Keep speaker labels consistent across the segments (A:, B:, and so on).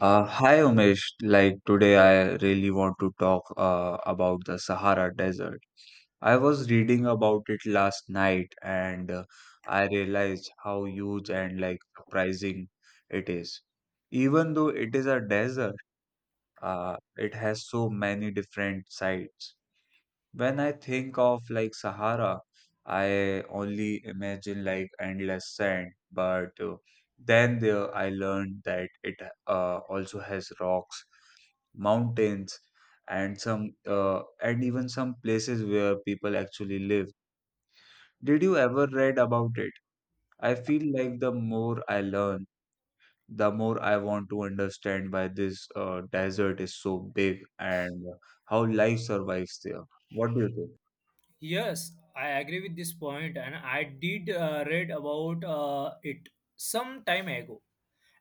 A: Hi Umesh, like today I really want to talk about the Sahara Desert. I was reading about it last night and I realized how huge and like surprising it is. Even though it is a desert, it has so many different sides. When I think of like Sahara, I only imagine like endless sand, but then there I learned that it also has rocks, mountains, and some and even some places where people actually live. Did you ever read about it? I feel like the more I learn, the more I want to understand why this desert is so big and how life survives there. What do you think?
B: Yes, I agree with this point, and I did read about it some time ago,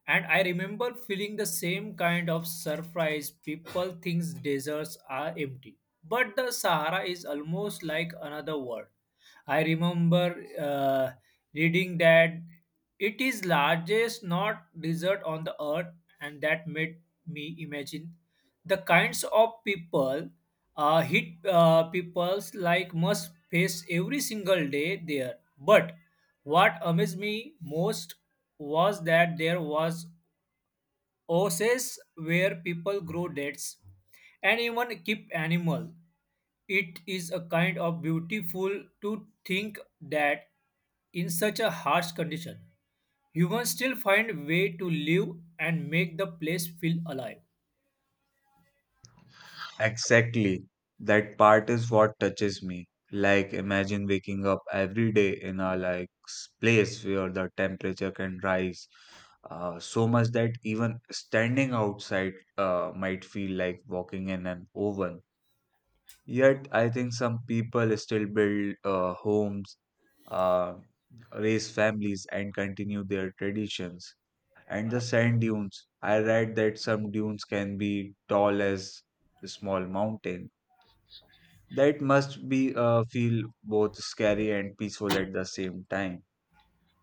B: and I remember feeling the same kind of surprise. People think deserts are empty, but the Sahara is almost like another world. I remember reading that it is largest not desert on the earth, and that made me imagine the kinds of people hit people's like must face every single day there, but what amazed me most was that there was oases where people grow dates and even keep animal. It is a kind of beautiful to think that in such a harsh condition, humans still find way to live and make the place feel alive.
A: Exactly. That part is what touches me. Like, imagine waking up every day in a like place where the temperature can rise so much that even standing outside might feel like walking in an oven. Yet, I think some people still build homes, uh, raise families, and continue their traditions. And the sand dunes, I read that some dunes can be tall as small mountains that must be feel both scary and peaceful at the same time.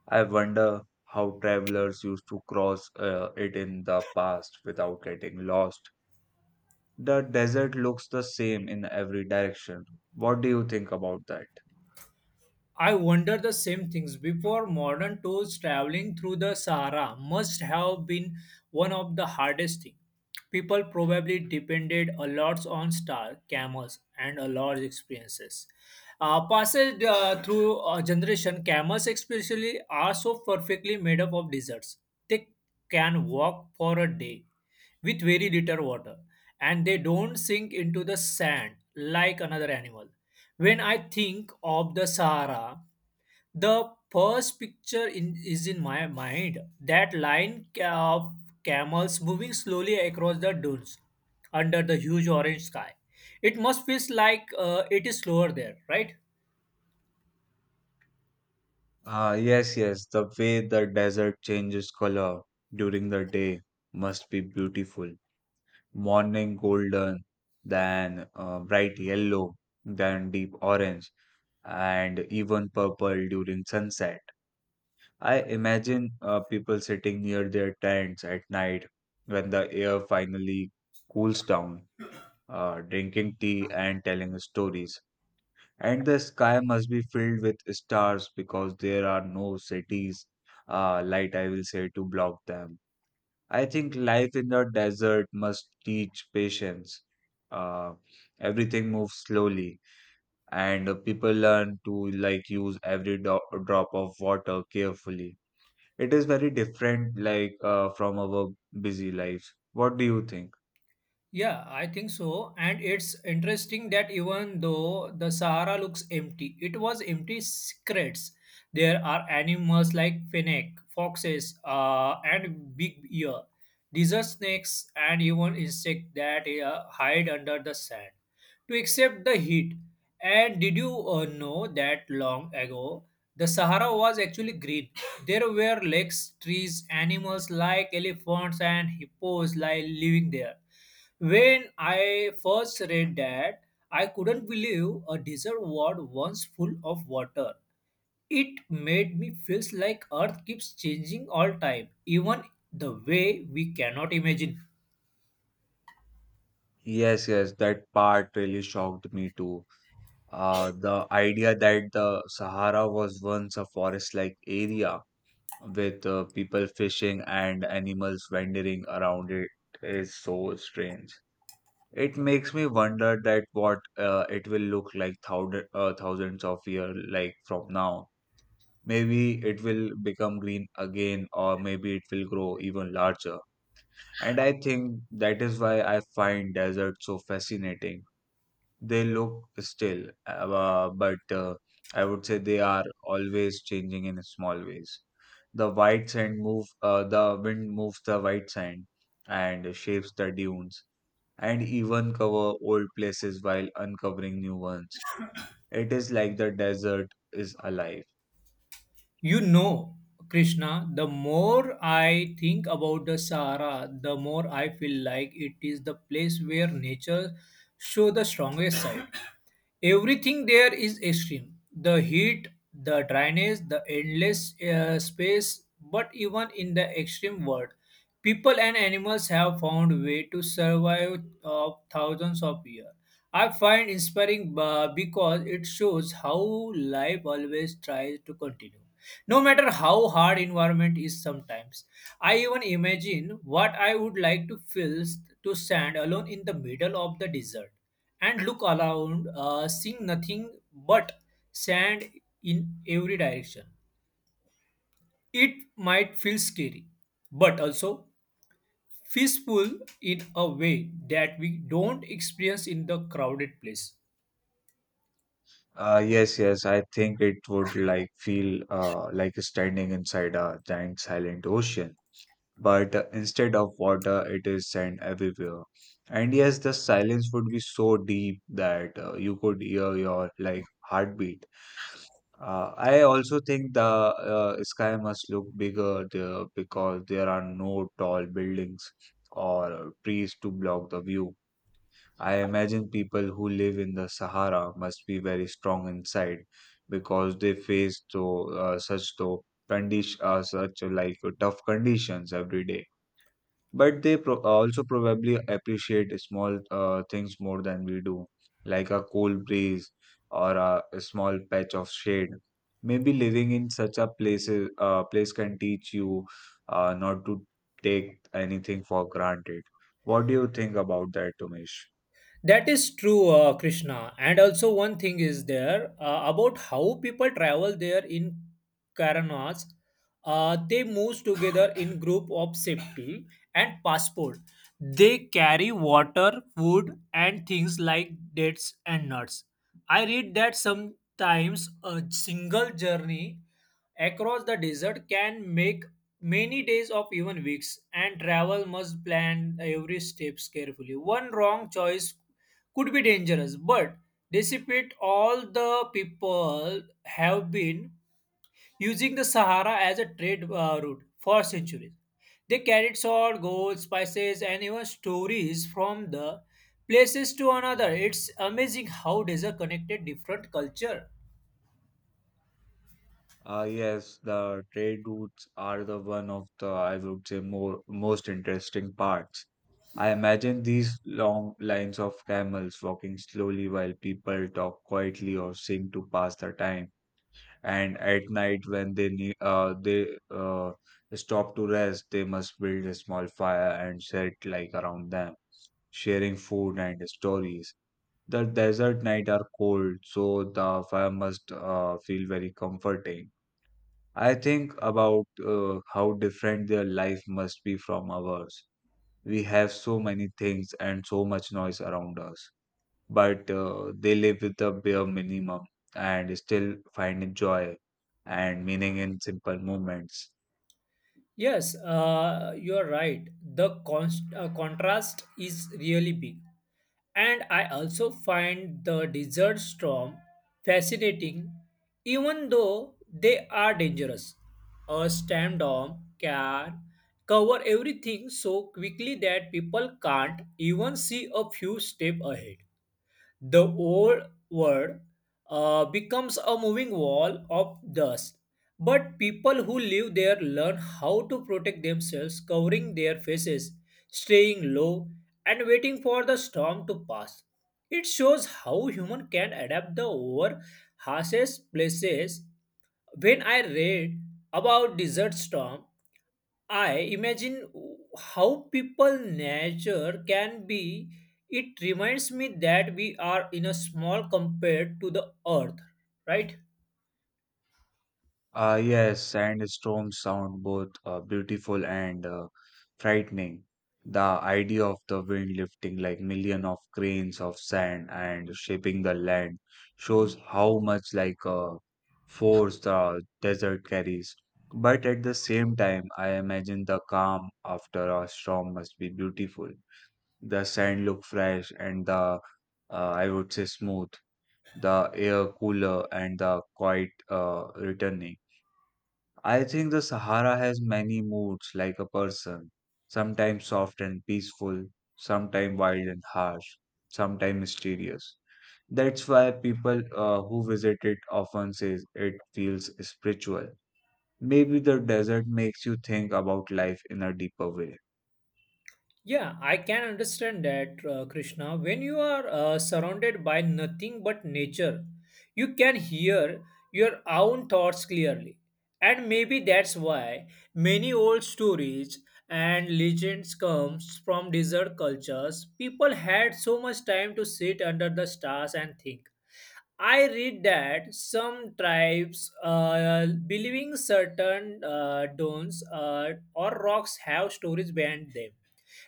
A: I wonder how travelers used to cross it in the past without getting lost. The desert looks the same in every direction. What do you think about that?
B: I wonder the same things. Before modern tours, traveling through the Sahara must have been one of the hardest things. People probably depended a lot on star camels and a lot of experiences. Passage through a generation, camels especially are so perfectly made up of deserts. They can walk for a day with very little water, and they don't sink into the sand like another animal. When I think of the Sahara, the first picture in, is in my mind. That line of camels moving slowly across the dunes under the huge orange sky. It must feel like it is slower there, right?
A: Ah, yes, yes, the way the desert changes color during the day must be beautiful. Morning golden, then bright yellow, then deep orange, and even purple during sunset. I imagine people sitting near their tents at night when the air finally cools down, drinking tea and telling stories. And the sky must be filled with stars because there are no cities, light, I will say, to block them. I think life in the desert must teach patience. Uh, Everything moves slowly and people learn to like use every drop of water carefully. It is very different like from our busy lives. What do you think?
B: Yeah, I think so. And it's interesting that even though the Sahara looks empty, it was empty secrets. There are animals like fennec, foxes, and big ear, desert snakes, and even insects that hide under the sand to accept the heat. And did you know that long ago, the Sahara was actually green? There were lakes, trees, animals like elephants and hippos living there. When I first read that, I couldn't believe a desert was once full of water. It made me feel like Earth keeps changing all time, even the way we cannot imagine.
A: Yes, yes, that part really shocked me too. The idea that the Sahara was once a forest-like area with people fishing and animals wandering around it is so strange. It makes me wonder that what it will look like thousand, thousands of years like from now. Maybe it will become green again or maybe it will grow even larger, and I think that is why I find deserts so fascinating. They look still but I would say they are always changing in small ways. The white sand move the wind moves the white sand and shapes the dunes and even cover old places while uncovering new ones. It is like the desert is alive.
B: You know, Krishna, the more I think about the Sahara, the more I feel like it is the place where nature shows the strongest side. Everything there is extreme. The heat, the dryness, the endless space, but even in the extreme world, people and animals have found way to survive thousands of years. I find inspiring because it shows how life always tries to continue, no matter how hard environment is sometimes. I even imagine what I would like to to stand alone in the middle of the desert and look around, seeing nothing but sand in every direction. It might feel scary, but also peaceful in a way that we don't experience in the crowded place.
A: Yes, yes, I think it would like feel like standing inside a giant silent ocean, but instead of water, it is sand everywhere. And yes, the silence would be so deep that you could hear your like heartbeat. I also think the sky must look bigger there because there are no tall buildings or trees to block the view. I imagine people who live in the Sahara must be very strong inside because they face so such tough conditions every day. But they also probably appreciate small things more than we do, like a cold breeze or a small patch of shade. Maybe living in such a place can teach you not to take anything for granted. What do you think about that, Tumesh?
B: That is true, Krishna. And also, one thing is there about how people travel there in Karanas. They move together in group of safety and passport. They carry water, food, and things like dates and nuts. I read that sometimes a single journey across the desert can make many days of even weeks, and travel must plan every steps carefully. One wrong choice could be dangerous, but dissipate all the people have been using the Sahara as a trade route for centuries. They carried salt, gold, spices, and even stories from the places to another. It's amazing how desert connected different culture.
A: Yes, the trade routes are the one of the, I would say, more most interesting parts. I imagine these long lines of camels walking slowly while people talk quietly or sing to pass the time. And at night, when they stop to rest, they must build a small fire and set like around them, sharing food and stories. The desert night are cold, so the fire must feel very comforting. I think about how different their life must be from ours. We have so many things and so much noise around us, but they live with the bare minimum and still find joy and meaning in simple moments.
B: Yes, you are right. The contrast is really big. And I also find the desert storm fascinating, even though they are dangerous. A storm can cover everything so quickly that people can't even see a few steps ahead. The old world becomes a moving wall of dust. But people who live there learn how to protect themselves, covering their faces, staying low, and waiting for the storm to pass. It shows how human can adapt the over harshest places. When I read about desert storm, I imagine how people nature can be. It reminds me that we are in a small compared to the earth, right?
A: Yes, sandstorms sound both beautiful and frightening. The idea of the wind lifting like million of grains of sand and shaping the land shows how much force the desert carries. But at the same time, I imagine the calm after a storm must be beautiful. The sand look fresh and the I would say smooth. The air cooler and the quiet returning. I think the Sahara has many moods like a person, sometimes soft and peaceful, sometimes wild and harsh, sometimes mysterious. That's why people who visit it often say it feels spiritual. Maybe the desert makes you think about life in a deeper way.
B: Yeah, I can understand that, Krishna. When you are surrounded by nothing but nature, you can hear your own thoughts clearly. And maybe that's why many old stories and legends comes from desert cultures. People had so much time to sit under the stars and think. I read that some tribes believing certain stones or rocks have stories behind them,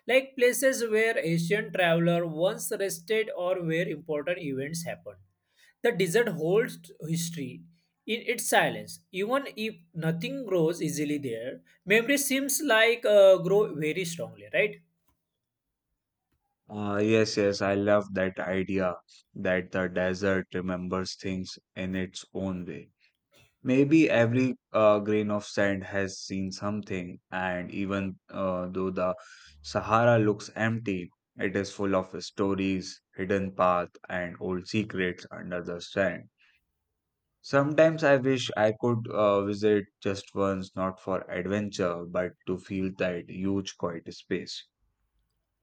B: like places where Asian traveler once rested or where important events happened. The desert holds history in its silence. Even if nothing grows easily there, memory seems like grow very strongly, right?
A: Yes, yes, I love that idea that the desert remembers things in its own way. Maybe every grain of sand has seen something, and even though the Sahara looks empty, it is full of stories, hidden paths, and old secrets under the sand. Sometimes I wish I could visit just once, not for adventure, but to feel that huge quiet space.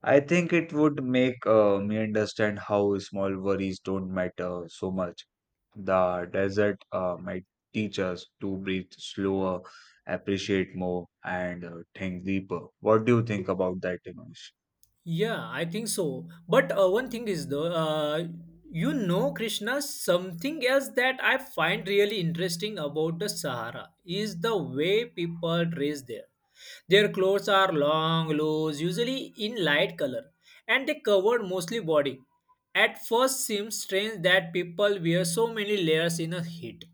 A: I think it would make me understand how small worries don't matter so much. The desert might teach us to breathe slower, appreciate more, and think deeper. What do you think about that, Dinesh?
B: Yeah, I think so. But one thing is though, you know, Krishna, something else that I find really interesting about the Sahara is the way people dress there. Their clothes are long, loose, usually in light color, and they cover mostly body. At first seems strange that people wear so many layers in a heat.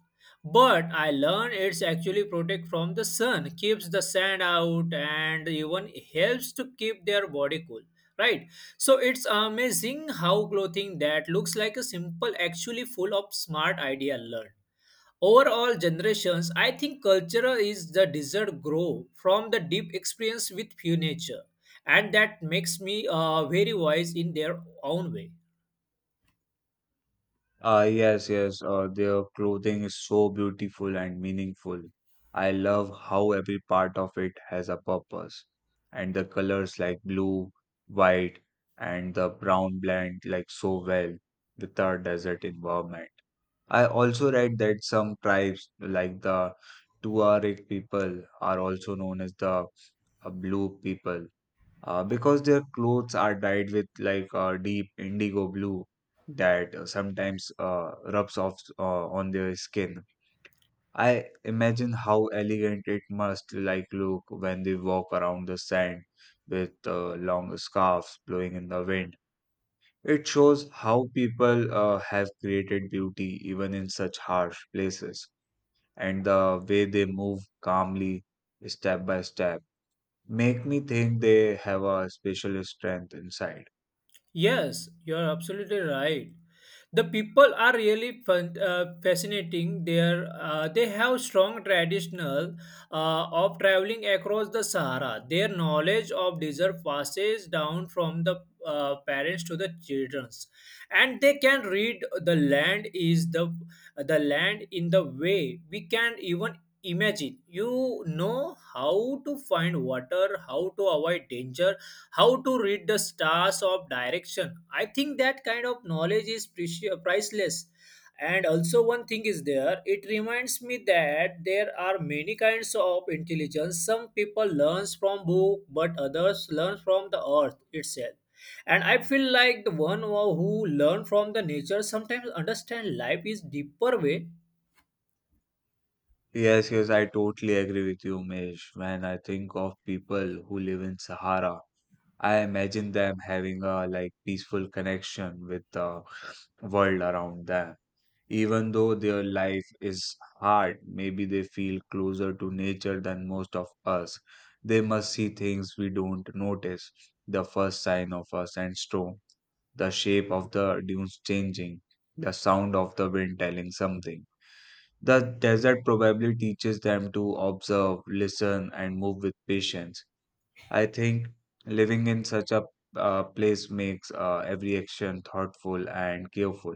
B: But I learned it's actually protect from the sun, keeps the sand out, and even helps to keep their body cool. Right? So it's amazing how clothing that looks like a simple actually full of smart idea learned overall generations. I think culture is the desired grow from the deep experience with pure nature, and that makes me very wise in their own way.
A: Yes, yes. Their clothing is so beautiful and meaningful. I love how every part of it has a purpose, and the colors like blue, white, and the brown blend like so well with our desert environment. I also read that some tribes, like the Tuareg people, are also known as the blue people because their clothes are dyed with deep indigo blue that sometimes rubs off on their skin. I imagine how elegant it must like look when they walk around the sand with long scarves blowing in the wind. It shows how people have created beauty even in such harsh places, and the way they move calmly, step by step, make me think they have a special strength inside.
B: Yes, you're absolutely right. The people are really fascinating there. They have strong traditional of traveling across the Sahara. Their knowledge of desert passes down from the parents to the childrens, and they can read the the land in the way we can even imagine. You know how to find water, how to avoid danger, how to read the stars of direction. I think that kind of knowledge is priceless. And also, one thing is there, it reminds me that there are many kinds of intelligence. Some people learns from book, but others learn from the earth itself. And I feel like the one who learn from the nature sometimes understand life is deeper way.
A: Yes, yes, I totally agree with you, Mesh. When I think of people who live in Sahara, I imagine them having a like peaceful connection with the world around them. Even though their life is hard, maybe they feel closer to nature than most of us. They must see things we don't notice, the first sign of a sandstorm, the shape of the dunes changing, the sound of the wind telling something. The desert probably teaches them to observe, listen, and move with patience. I think living in such a place makes every action thoughtful and careful.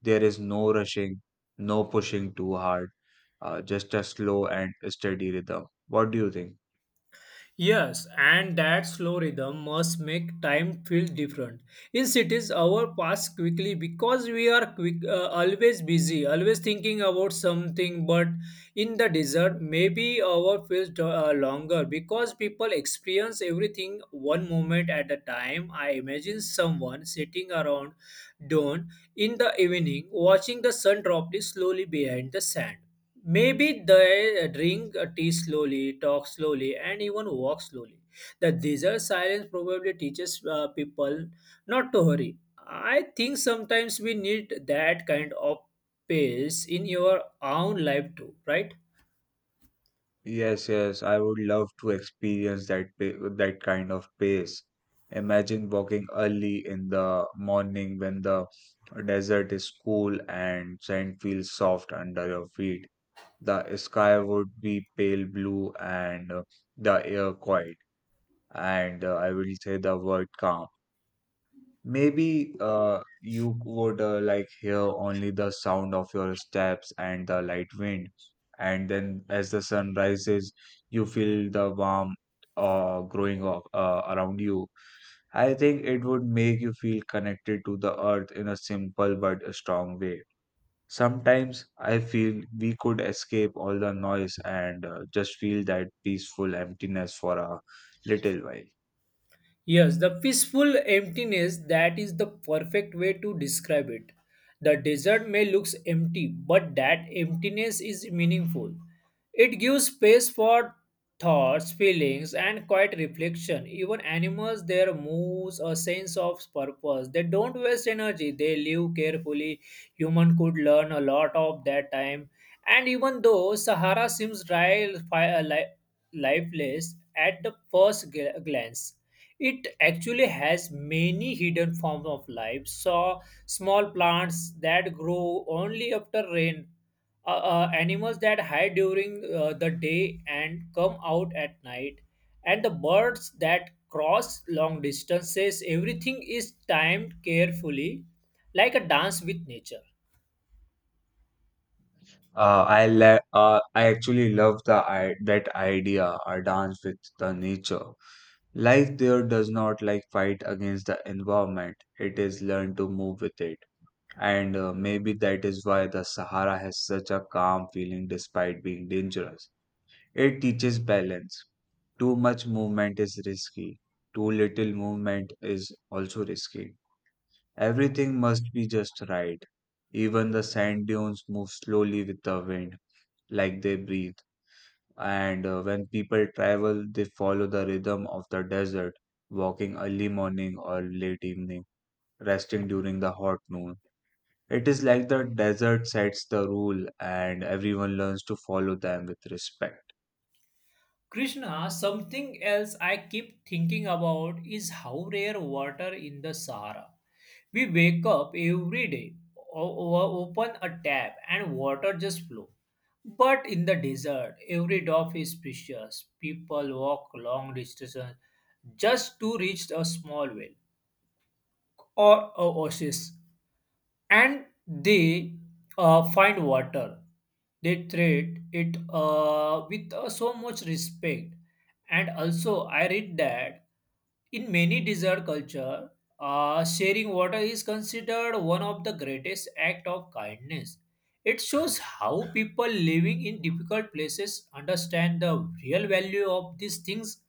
A: There is no rushing, no pushing too hard, just a slow and steady rhythm. What do you think?
B: Yes, and that slow rhythm must make time feel different. In cities, hour pass quickly because we are quick, always busy, always thinking about something. But in the desert, maybe hour feels longer because people experience everything one moment at a time. I imagine someone sitting around dawn in the evening, watching the sun drop slowly behind the sand. Maybe they drink tea slowly, talk slowly, and even walk slowly. The desert silence probably teaches people not to hurry. I think sometimes we need that kind of pace in your own life too, right?
A: Yes, yes, I would love to experience that kind of pace. Imagine walking early in the morning when the desert is cool and sand feels soft under your feet. The sky would be pale blue and the air quiet. And I will say the word calm. Maybe you would like hear only the sound of your steps and the light wind, and then as the sun rises, you feel the warmth growing up around you. I think it would make you feel connected to the earth in a simple but a strong way. Sometimes I feel we could escape all the noise and just feel that peaceful emptiness for a little while.
B: Yes, the peaceful emptiness, that is the perfect way to describe it. The desert may looks empty, but that emptiness is meaningful. It gives space for thoughts, feelings, and quiet reflection. Even animals there moves a sense of purpose. They don't waste energy, they live carefully. Human could learn a lot of that time. And even though Sahara seems dry, lifeless at the first glance. It actually has many hidden forms of life. So, small plants that grow only after rain, animals that hide during the day and come out at night, and the birds that cross long distances. Everything is timed carefully, like a dance with nature.
A: I actually love the I that idea, a dance with the nature. Life there does not like fight against the environment. It is learn to move with it. And maybe that is why the Sahara has such a calm feeling despite being dangerous. It teaches balance. Too much movement is risky. Too little movement is also risky. Everything must be just right. Even the sand dunes move slowly with the wind like they breathe. And when people travel, they follow the rhythm of the desert, walking early morning or late evening, resting during the hot noon. It is like the desert sets the rule and everyone learns to follow them with respect.
B: Krishna, something else I keep thinking about is how rare water in the Sahara. We wake up every day, open a tap, and water just flows. But in the desert, every drop is precious. People walk long distances just to reach a small well or a oasis, and they find water. They treat it with so much respect. And also, I read that in many desert culture, sharing water is considered one of the greatest act of kindness. It shows how people living in difficult places understand the real value of these things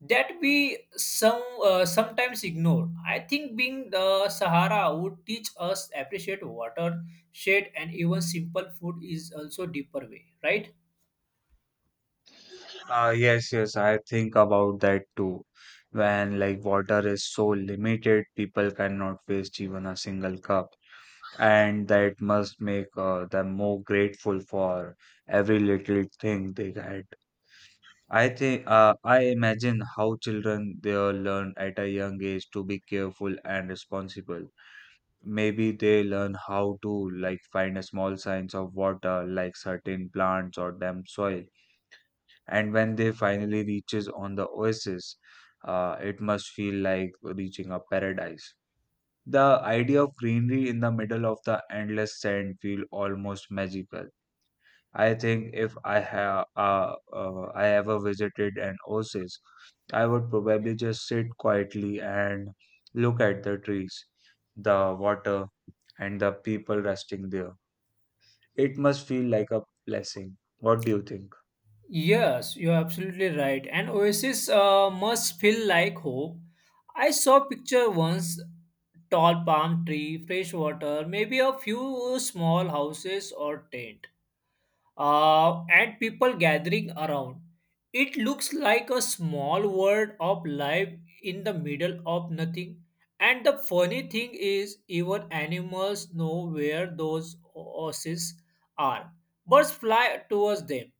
B: that we sometimes ignore. I think being the Sahara would teach us appreciate water, shade, and even simple food is also deeper way, right?
A: Ah, yes, yes, I think about that too. When like water is so limited, people cannot waste even a single cup. And that must make them more grateful for every little thing they had. I think I imagine how children they all learn at a young age to be careful and responsible. Maybe they learn how to like find a small signs of water, like certain plants or damp soil. And when they finally reaches on the oasis, it must feel like reaching a paradise. The idea of greenery in the middle of the endless sand feel almost magical. I think if I have I ever visited an oasis, I would probably just sit quietly and look at the trees, the water, and the people resting there. It must feel like a blessing. What do you think?
B: Yes, you're absolutely right. And oasis must feel like hope. I saw picture once, tall palm tree, fresh water, maybe a few small houses or tent, and people gathering around. It looks like a small world of life in the middle of nothing. And the funny thing is, even animals know where those oases are. Birds fly towards them,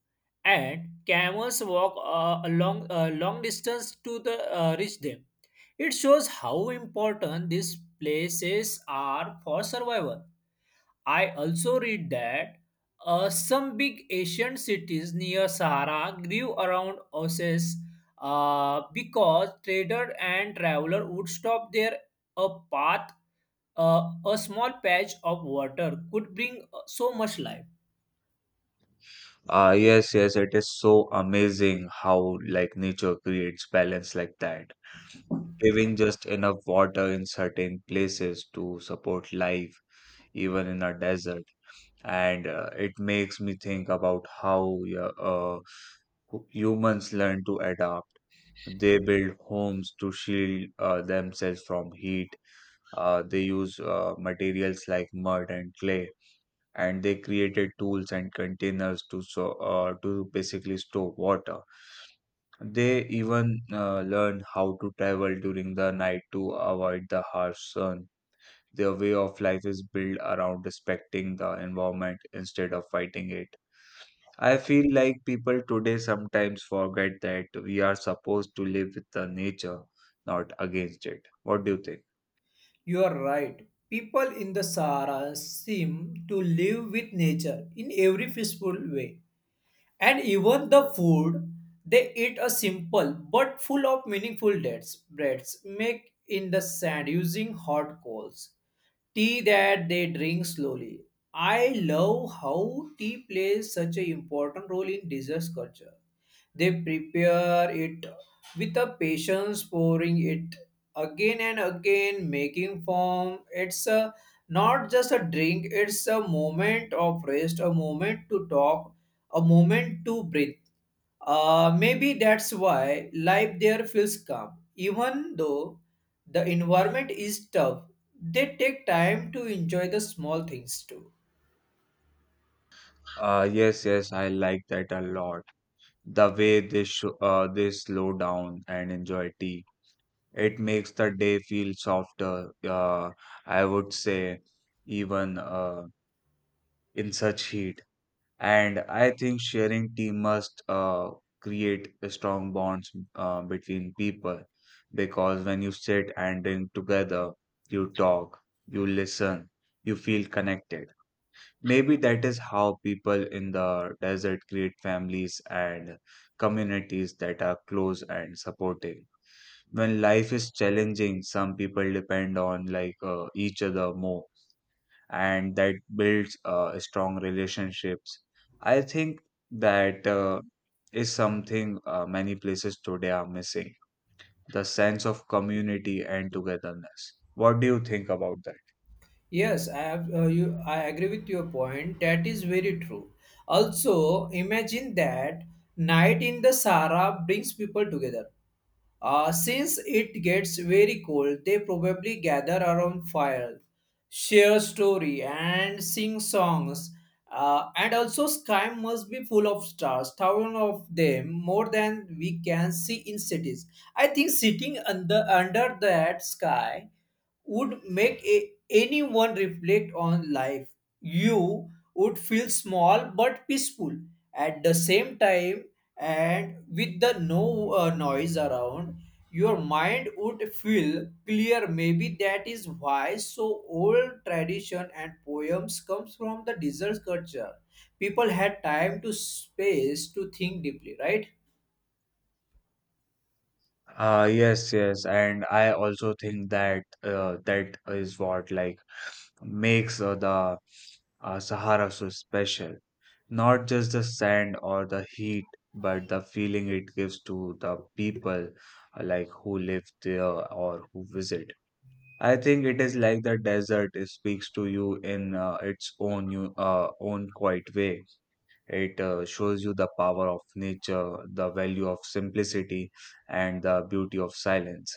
B: and camels walk a long distance to reach them. It shows how important these places are for survival. I also read that some big Asian cities near Sahara grew around oases because trader and traveler would stop there. A path, a small patch of water could bring so much life.
A: Yes, yes, it is so amazing how like nature creates balance like that, giving just enough water in certain places to support life, even in a desert. And it makes me think about how, yeah, humans learn to adapt. They build homes to shield themselves from heat. They use materials like mud and clay, and they created tools and containers to to basically store water. They even learn how to travel during the night to avoid the harsh sun. Their way of life is built around respecting the environment instead of fighting it. I feel like people today sometimes forget that we are supposed to live with the nature, not against it. What do you think?
B: You are right. People in the Sahara seem to live with nature in every peaceful way. And even the food they eat a simple but full of meaningful dates, breads made in the sand using hot coals. Tea that they drink slowly. I love how tea plays such an important role in dessert culture. They prepare it with a patience, pouring it again and again, making foam. It's a, not just a drink, it's a moment of rest, a moment to talk, a moment to breathe. Maybe that's why life there feels calm. Even though the environment is tough, they take time to enjoy the small things too.
A: Yes, yes, I like that a lot. The way they they slow down and enjoy tea. It makes the day feel softer, I would say, even in such heat. And I think sharing tea must create a strong bonds between people, because when you sit and drink together, you talk, you listen, you feel connected. Maybe that is how people in the desert create families and communities that are close and supportive. When life is challenging, some people depend on like each other more, and that builds strong relationships. I think that is something, many places today are missing the sense of community and togetherness. What do you think about that?
B: Yes, I have, I agree with your point. That is very true. Also, imagine that night in the Sahara brings people together. Since it gets very cold, they probably gather around fire, share story, and sing songs. And also, sky must be full of stars, thousands of them, more than we can see in cities. I think sitting under that sky would make a, anyone reflect on life. You would feel small but peaceful at the same time, and with the no noise around, your mind would feel clear. Maybe that is why so old tradition and poems comes from the desert culture. People had time to space to think deeply, right?
A: Yes, yes, and I also think that, that is what like makes the Sahara so special. Not just the sand or the heat, but the feeling it gives to the people, like who live there or who visit. I think it is like the desert, it speaks to you in its own, you own quiet way. It shows you the power of nature, the value of simplicity, and the beauty of silence.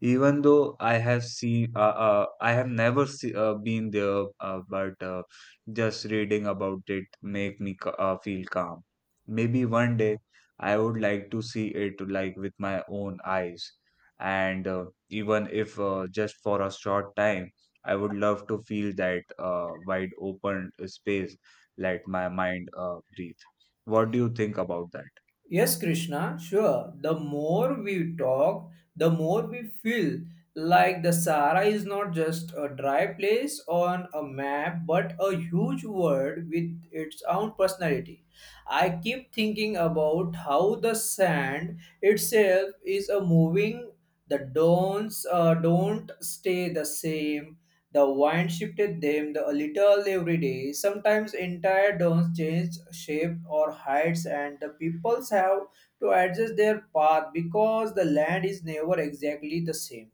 A: Even though I have I have never been there, but just reading about it make me feel calm. Maybe one day I would like to see it like with my own eyes, and even if just for a short time, I would love to feel that wide open space, let my mind breathe. What do you think about that?
B: Yes, Krishna, sure. The more we talk, the more we feel like the Sahara is not just a dry place on a map, but a huge world with its own personality. I keep thinking about how the sand itself is a moving, the dons don't stay the same, the wind shifted them a little every day. Sometimes entire dunes change shape or heights, and the peoples have to adjust their path because the land is never exactly the same.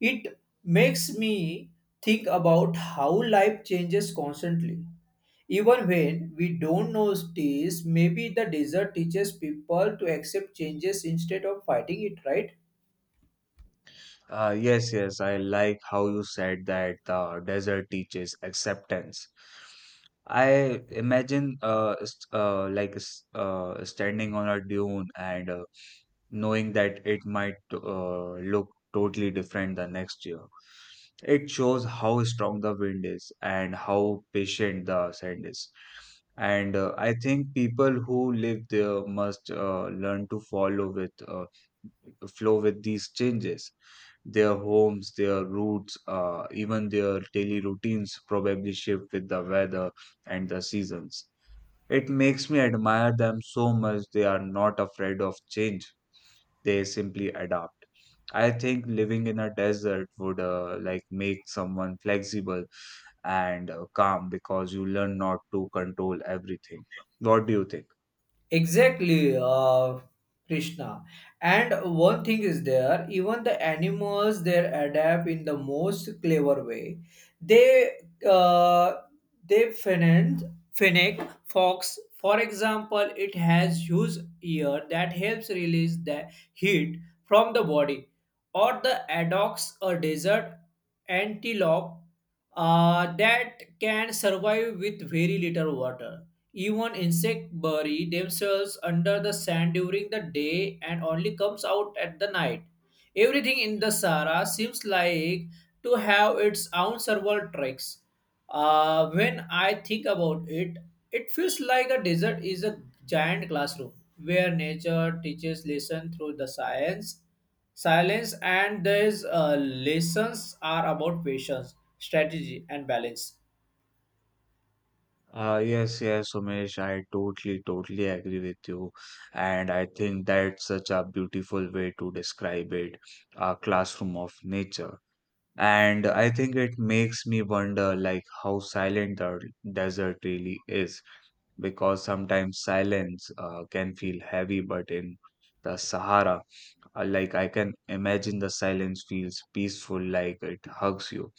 B: It makes me think about how life changes constantly. Even when we don't notice, maybe the desert teaches people to accept changes instead of fighting it, right?
A: Yes, yes, I like how you said that the desert teaches acceptance. I imagine standing on a dune, and knowing that it might look totally different the next year. It shows how strong the wind is and how patient the sand is. And I think people who live there must learn to follow with flow with these changes. Their homes, their routes, even their daily routines probably shift with the weather and the seasons. It makes me admire them so much. They are not afraid of change, they simply adapt. I think living in a desert would like make someone flexible and calm, because you learn not to control everything. What do you think?
B: Exactly, Krishna. And one thing is there, even the animals they adapt in the most clever way. They uh, they finance Finnick Fox, for example, it has huge ear that helps release the heat from the body, or the adox, a desert antelope that can survive with very little water. Even insect bury themselves under the sand during the day and only comes out at the night. Everything in the Sahara seems like to have its own several tracks. When I think about it, it feels like a desert is a giant classroom where nature teaches lessons through the science, silence, and these lessons are about patience, strategy, and balance.
A: Yes, yes, Umesh, I totally, totally agree with you. And I think that's such a beautiful way to describe it, a classroom of nature. And I think it makes me wonder like how silent the desert really is, because sometimes silence can feel heavy, but in the Sahara, like I can imagine the silence feels peaceful, like it hugs you.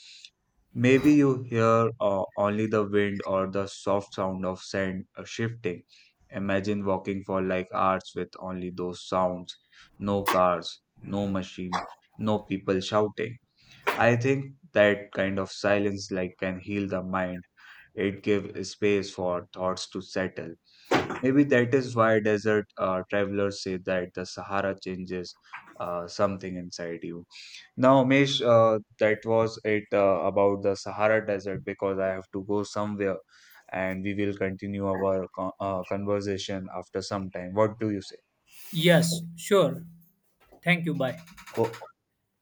A: Maybe you hear only the wind or the soft sound of sand shifting. Imagine walking for like hours with only those sounds. No cars, no machine, no people shouting. I think that kind of silence like can heal the mind. It gives space for thoughts to settle. Maybe that is why desert travelers say that the Sahara changes something inside you. Now, Umesh, that was it about the Sahara Desert, because I have to go somewhere and we will continue our conversation after some time. What do you say?
B: Yes, sure. Thank you. Bye.
A: Oh,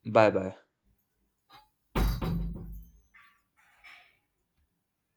A: bye bye.